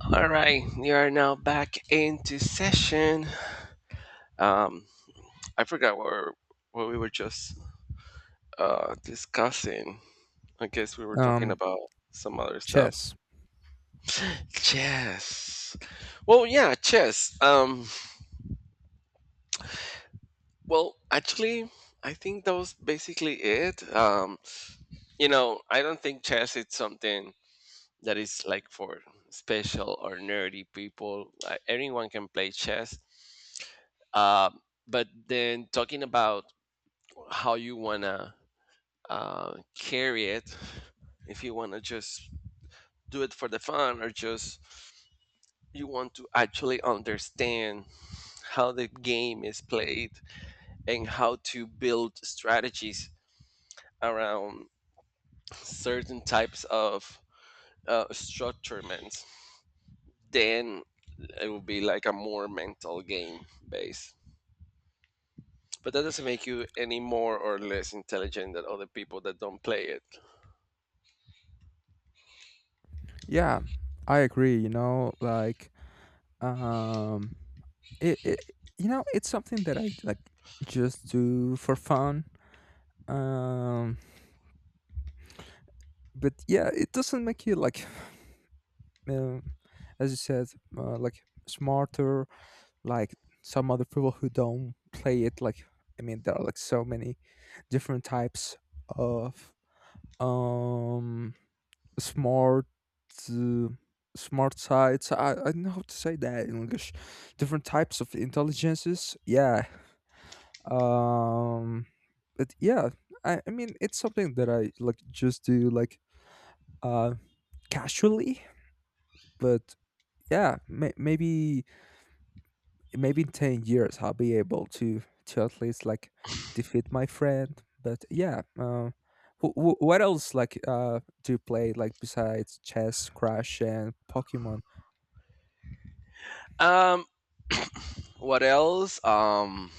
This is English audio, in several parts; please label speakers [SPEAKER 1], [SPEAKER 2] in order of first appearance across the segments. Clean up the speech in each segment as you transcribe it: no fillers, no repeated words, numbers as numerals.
[SPEAKER 1] All right, we are now back into session. Um, I forgot what we were just discussing. I guess we were talking
[SPEAKER 2] Um,
[SPEAKER 1] about some other stuff.
[SPEAKER 2] Chess.
[SPEAKER 1] Chess. Well, yeah, chess. Well, actually, I think that was basically it. I don't think chess is something that is like for special or nerdy people. Like, anyone can play chess. Um, but then talking about how you wanna carry it. If you wanna just do it for the fun, or just you want to actually understand how the game is played and how to build strategies around certain types of structurements, then it would be like a more mental game base. But that doesn't make you any more or less intelligent than other people that don't play it.
[SPEAKER 2] Yeah, I agree. Um, it, it, it's something that I just do for fun. Um, but yeah, it doesn't make you um, as you said, like smarter, like some other people who don't play it. I mean, there are like so many different types of, um, smart uh, smart sites. I don't know how to say that in English. Different types of intelligences. Yeah. Um but yeah, I mean it's something that I like just do like uh casually, but yeah, maybe maybe in 10 years I'll be able to at least like defeat my friend. But yeah, what else like do you play like besides chess, Crash and Pokemon?
[SPEAKER 1] Um, what else?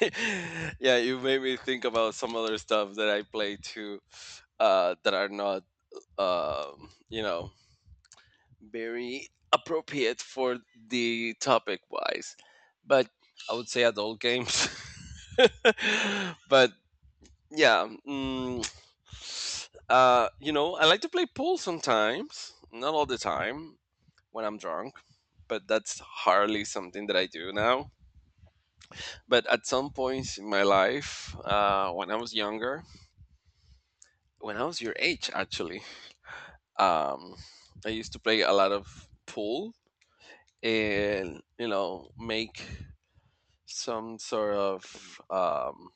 [SPEAKER 1] yeah, you made me think about some other stuff that I play too, that are not, um, you know, very appropriate for the topic wise. But I would say adult games. but yeah, you know, I like to play pool sometimes, not all the time when I'm drunk, but that's hardly something that I do now. But at some points in my life, when I was younger, when I was your age, actually, um, I used to play a lot of pool and you know make some sort of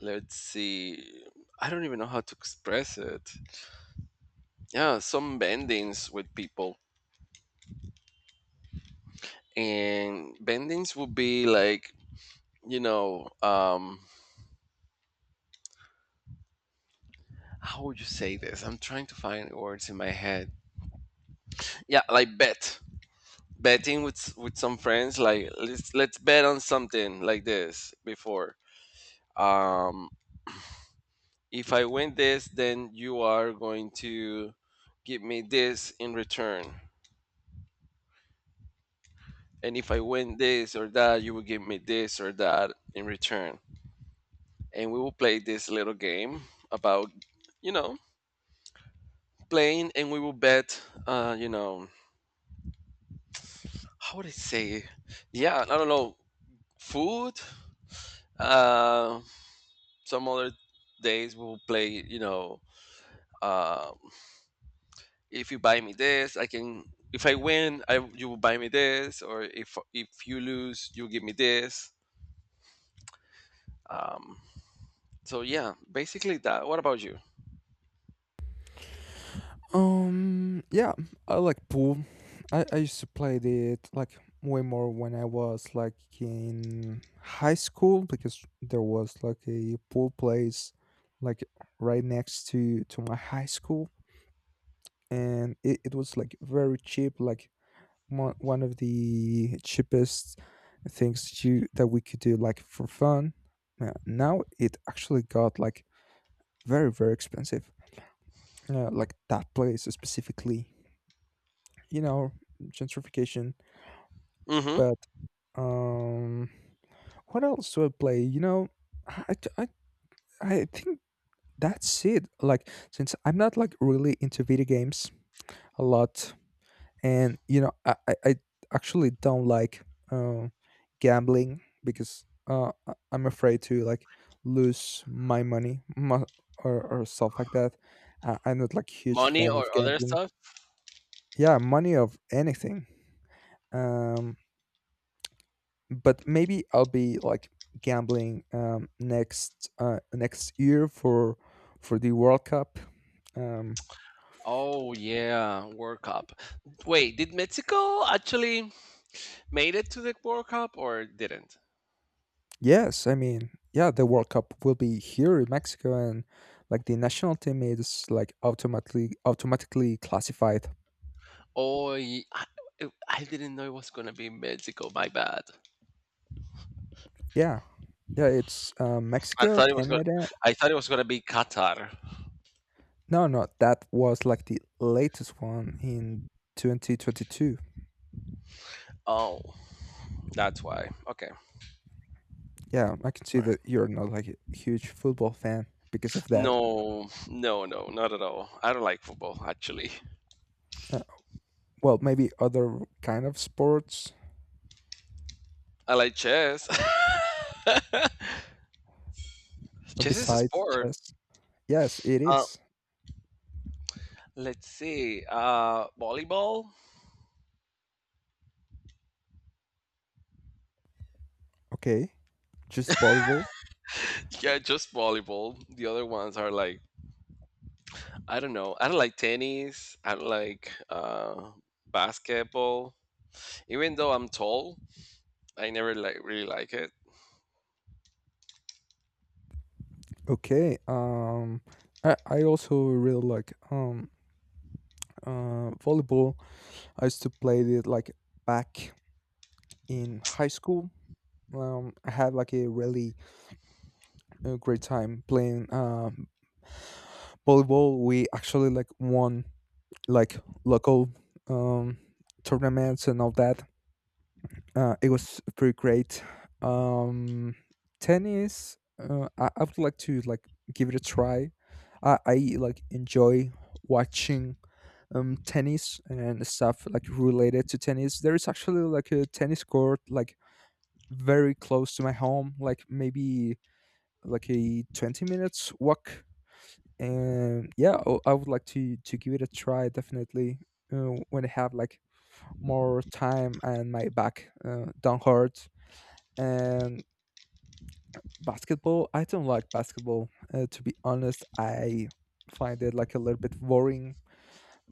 [SPEAKER 1] let's see, I don't even know how to express it. Yeah, some bendings with people, and bendings would be like you know um, how would you say this? I'm trying to find words in my head. Yeah, like betting with with some friends like let's bet on something like this before. um, if I win this, then you are going to give me this in return. And if I win this or that, you will give me this or that in return. And we will play this little game about, you know, playing and we will bet, uh, you know, how would I say? Yeah, I don't know, food. Uh, some other days we'll play, um. if you buy me this, I can. If I win, I you will buy me this, or if you lose, you give me this. Um, so yeah, basically that. What about you?
[SPEAKER 2] Yeah, I like pool. I used to play it like way more when I was like in high school because there was like a pool place like right next to my high school and it was like very cheap like one of the cheapest things that you that we could do like for fun. Now it actually got like very very expensive, like that place specifically, you know, gentrification.
[SPEAKER 1] Mm-hmm.
[SPEAKER 2] But um, what else do I play? You know, I, I, I think that's it. Like, since I'm not like really into video games a lot, and you know, I actually don't like uh, gambling because I'm afraid to like lose my money, or stuff like that. I'm not like huge
[SPEAKER 1] Money
[SPEAKER 2] fan of
[SPEAKER 1] or other
[SPEAKER 2] gambling.
[SPEAKER 1] stuff?
[SPEAKER 2] Yeah, money of anything. Um, but maybe I'll be like gambling next year for the World Cup. Um,
[SPEAKER 1] Oh yeah, World Cup. Wait, did Mexico actually made it to the World Cup or didn't?
[SPEAKER 2] yes, I mean, yeah, the World Cup will be here in Mexico, and like the national team is like automatically automatically classified.
[SPEAKER 1] Oh, I didn't know it was gonna be Mexico. My bad.
[SPEAKER 2] Yeah, yeah, it's
[SPEAKER 1] I
[SPEAKER 2] Mexico,
[SPEAKER 1] thought it was gonna.
[SPEAKER 2] Canada.
[SPEAKER 1] I thought it was gonna be Qatar.
[SPEAKER 2] No, no, that was like the latest one in 2022.
[SPEAKER 1] Oh, that's why. Okay.
[SPEAKER 2] Yeah, I can see that you're not like a huge football fan because of that.
[SPEAKER 1] No, no, no, not at all. I don't like football, actually.
[SPEAKER 2] Uh, Well, maybe other kind of sports
[SPEAKER 1] I like chess. Chess is a
[SPEAKER 2] besides
[SPEAKER 1] sport.
[SPEAKER 2] chess. Yes, it
[SPEAKER 1] Uh,
[SPEAKER 2] is.
[SPEAKER 1] let's see. Volleyball?
[SPEAKER 2] Okay, just volleyball.
[SPEAKER 1] Yeah, just volleyball. The other ones are like, I don't know. I don't like tennis. I don't like basketball. Even though I'm tall, I never like really like it.
[SPEAKER 2] Okay. I also really like volleyball. I used to play it like back in high school. I had like a really great time playing volleyball. We actually like won like local um tournaments and all that. It was pretty great. Um, Tennis, I would like to like give it a try. I like enjoy watching tennis and stuff like related to tennis. There is actually like a tennis court like very close to my home, like maybe like a 20 minutes walk. And yeah, I would like to give it a try definitely when I have like more time and my back don't hurt and basketball, I don't like basketball. To be honest, I find it like a little bit boring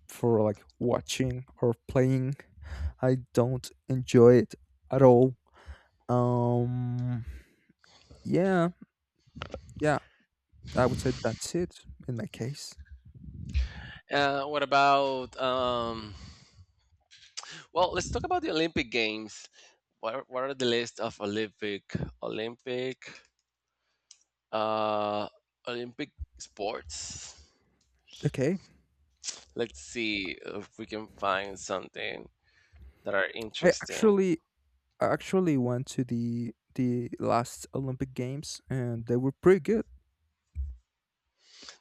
[SPEAKER 2] for like watching or playing. I don't enjoy it at all. Um, yeah, yeah, I would say that's it in my case.
[SPEAKER 1] What about well, let's talk about the Olympic Games. What are the list of Olympic Uh, Olympic sports.
[SPEAKER 2] Okay,
[SPEAKER 1] Let's see if we can find something that are
[SPEAKER 2] I
[SPEAKER 1] interesting.
[SPEAKER 2] actually, I actually went to the last Olympic Games and they were pretty good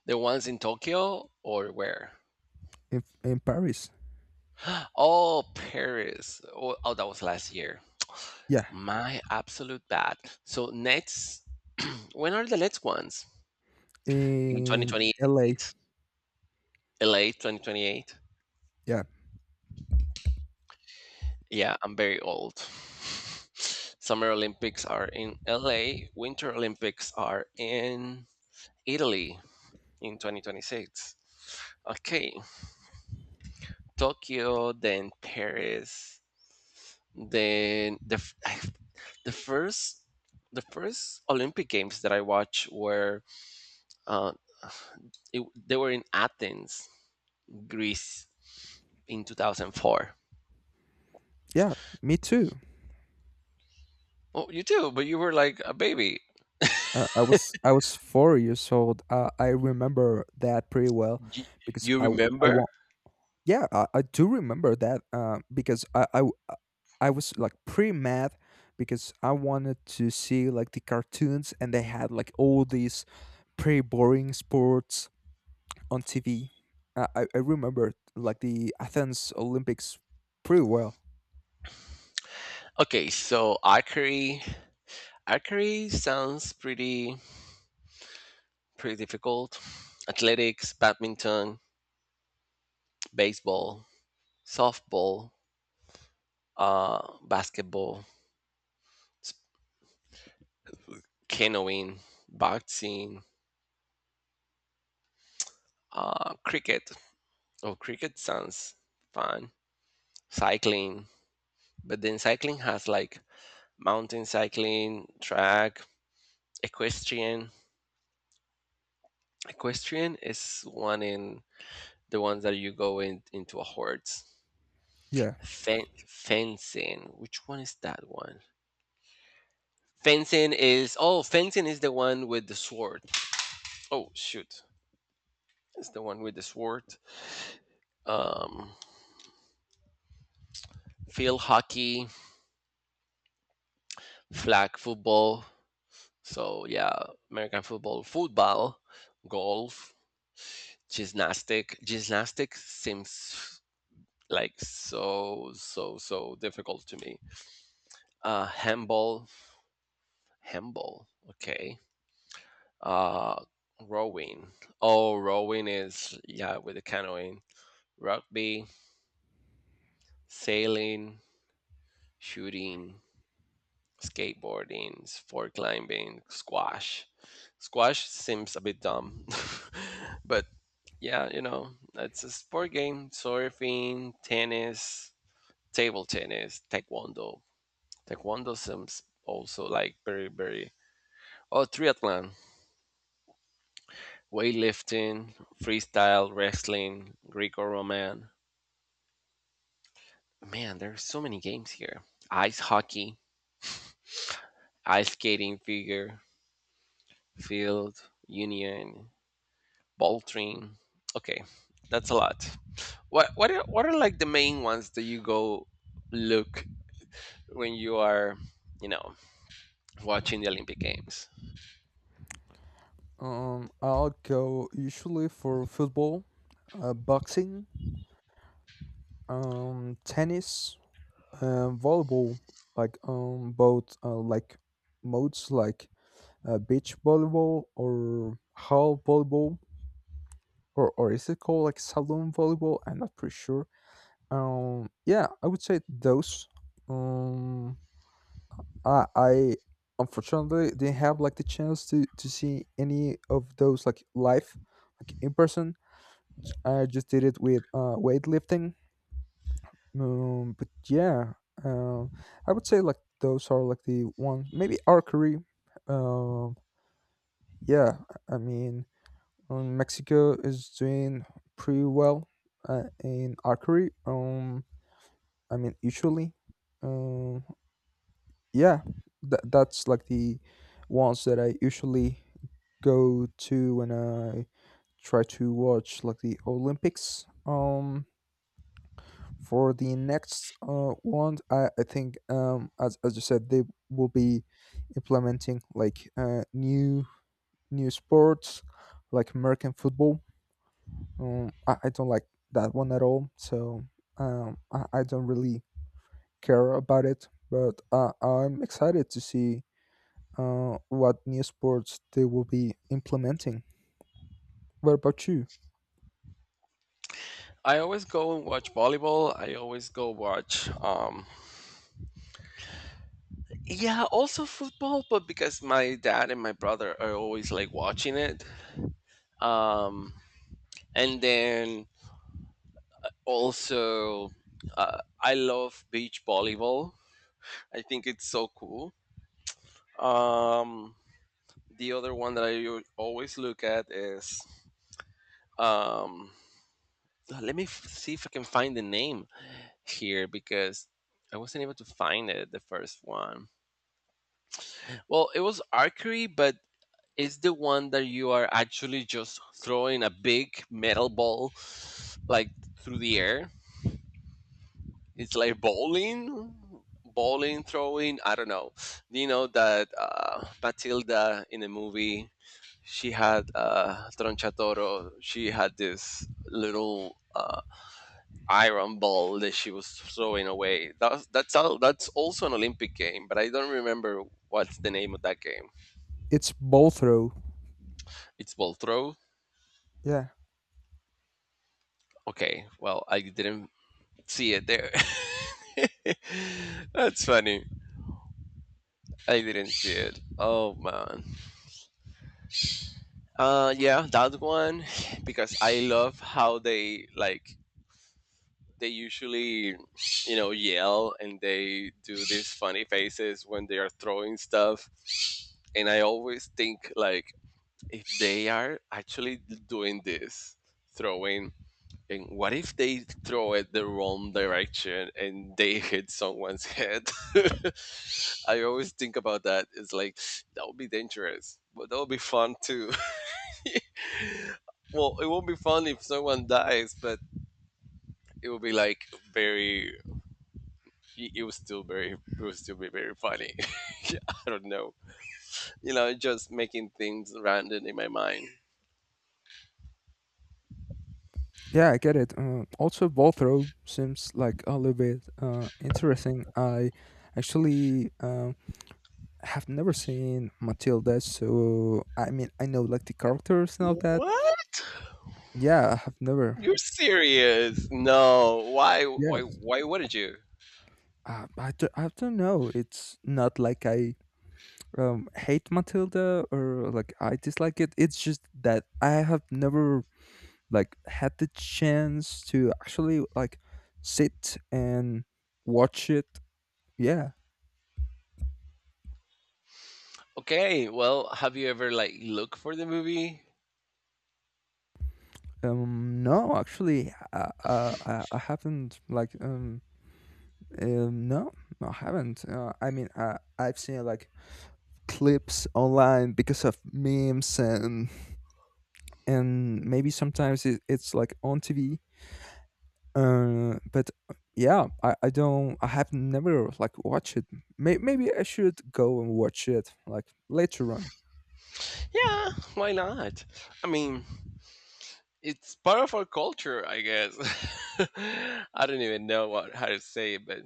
[SPEAKER 1] The ones in Tokyo or where?
[SPEAKER 2] in Paris.
[SPEAKER 1] Oh, Paris. Oh, that was last year.
[SPEAKER 2] Yeah,
[SPEAKER 1] My absolute bad. So next, when are the next ones? In
[SPEAKER 2] in
[SPEAKER 1] 2028.
[SPEAKER 2] LA.
[SPEAKER 1] LA 2028.
[SPEAKER 2] Yeah,
[SPEAKER 1] Yeah, I'm very old. Summer Olympics are in LA, Winter Olympics are in Italy, in 2026. Okay, Tokyo, then Paris, then the f- the first the first Olympic Games that I watched were uh, they were in Athens, Greece, in 2004.
[SPEAKER 2] yeah, me too.
[SPEAKER 1] Oh, you too, but you were like a baby.
[SPEAKER 2] I was 4 years old. I remember that pretty well
[SPEAKER 1] Y-
[SPEAKER 2] because
[SPEAKER 1] You
[SPEAKER 2] I
[SPEAKER 1] remember?
[SPEAKER 2] want yeah I do remember that because I was like pretty mad because I wanted to see like the cartoons and they had like all these pretty boring sports on TV. I remember like the Athens Olympics pretty well.
[SPEAKER 1] Okay, so archery. Archery sounds pretty difficult. Athletics, badminton, baseball, softball, uh, basketball, s- canoeing, boxing, cricket. Oh, cricket sounds fun. Cycling, but then cycling has like mountain cycling, track, equestrian. Equestrian is one in the ones that you go in into a horse.
[SPEAKER 2] Yeah.
[SPEAKER 1] Fencing. Which one is that one? Fencing is the one with the sword. Oh shoot, it's the one with the sword. Um, field hockey, flag football. So yeah, American football, football, golf, gymnastic. Gymnastics seems like so so so difficult to me. Uh, handball, handball. Okay. Uh, rowing. Oh, rowing is yeah with the canoeing. Rugby, sailing, shooting, skateboarding, sport climbing, squash. Squash seems a bit dumb, but yeah, you know, it's a sport game. Surfing, tennis, table tennis, taekwondo. Taekwondo seems also like very, very. Oh, triathlon, weightlifting, freestyle, wrestling, Greco Roman. Man, there's so many games here. Ice hockey, ice skating, figure, field, union, Balltree. Okay, that's a lot. What are like the main ones that you go look when you are, you know, watching the Olympic Games?
[SPEAKER 2] I'll go usually for football, boxing, tennis, volleyball like both, like modes like beach volleyball or hall volleyball, or is it called like salon volleyball? I'm not pretty sure. Yeah, I would say those. um I Unfortunately didn't have like the chance to see any of those like live, like in person. I just did it with weightlifting. But yeah, uh, I would say like those are like the ones. Maybe archery. Um, yeah, I mean, Mexico is doing pretty well in archery. I mean, usually, um, yeah, that that's like the ones that I usually go to when I try to watch like the Olympics. For the next one I think as you said they will be implementing like new sports like american football. I don't like that one at all, so I don't really care about it but I'm excited to see what new sports they will be implementing. What about you?
[SPEAKER 1] I always go and watch volleyball. I always go watch yeah, also football, but because my dad and my brother are always like watching it. Um and then also I love beach volleyball. I think it's so cool. Um The other one that always look at is um, let me see if I can find the name here because I wasn't able to find it. The first one. Well, it was archery, but it's the one that you are actually just throwing a big metal ball like through the air. It's like bowling throwing. I don't know. Do you know that Matilda in the movie, she had Tronchatoro. She had this little iron ball that she was throwing away. That's all. That's also an Olympic game, but I don't remember what's the name of that game.
[SPEAKER 2] It's ball throw.
[SPEAKER 1] It's ball throw.
[SPEAKER 2] Yeah.
[SPEAKER 1] Okay, well I didn't see it there. that's funny. I didn't see it. Oh man. Yeah, that one because I love how they like they usually you know yell and they do these funny faces when they are throwing stuff, and I always think like if they are actually doing this throwing. And what if they throw it the wrong direction and they hit someone's head? I always think about that. It's like that would be dangerous, but that would be fun too. well, it won't be fun if someone dies, but it will be like very. It will still very. It will still be very funny. I don't know. You know, just making things random in my mind.
[SPEAKER 2] Yeah, I get it. Also, ball throw seems like a little bit interesting. I actually have never seen Matilda, so I mean, I know like the characters and all that.
[SPEAKER 1] What?
[SPEAKER 2] Yeah, I have never.
[SPEAKER 1] You're serious? No.
[SPEAKER 2] Yes,
[SPEAKER 1] Why wouldn't you?
[SPEAKER 2] I don't know. It's not like I hate Matilda or like I dislike it. It's just that I have never like had the chance to actually like sit and watch it. Yeah.
[SPEAKER 1] Okay. Well, have you ever like looked for the movie?
[SPEAKER 2] No, actually, I haven't like. No, no, I haven't. I mean, I I've seen like clips online because of memes and maybe sometimes it's like on TV. But yeah, I don't. I have never like watched it. Maybe I should go and watch it like later on.
[SPEAKER 1] Yeah. Why not? I mean, it's part of our culture, I guess. I don't even know what how to say it, but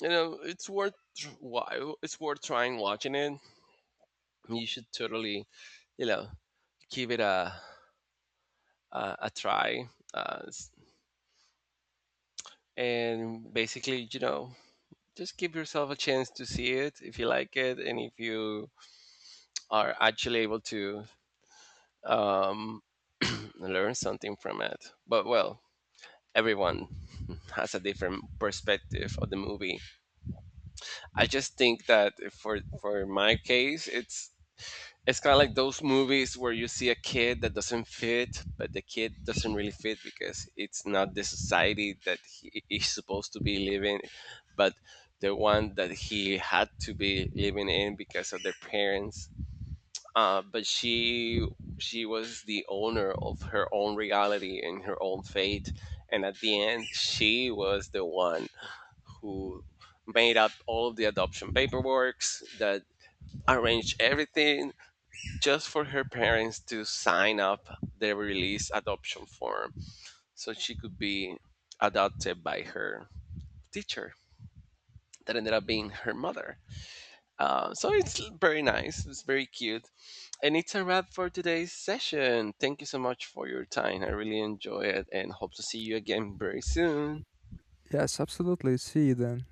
[SPEAKER 1] you know why it's worth trying watching it. You should totally you know give it a try uh, s- and basically you know just give yourself a chance to see it if you like it and if you are actually able to um, learn something from it. But well, everyone has a different perspective of the movie. I just think that for my case it's kind of like those movies where you see a kid that doesn't fit, but the kid doesn't really fit because it's not the society that he is supposed to be living, but the one that he had to be living in because of their parents. But she was the owner of her own reality and her own fate, and at the end, she was the one who made up all of the adoption paperwork that arranged everything just for her parents to sign up the release adoption form so she could be adopted by her teacher that ended up being her mother. So it's very nice. It's very cute. And it's a wrap for today's session. Thank you so much for your time. I really enjoy it and hope to see you again very soon.
[SPEAKER 2] Yes, absolutely. See you then.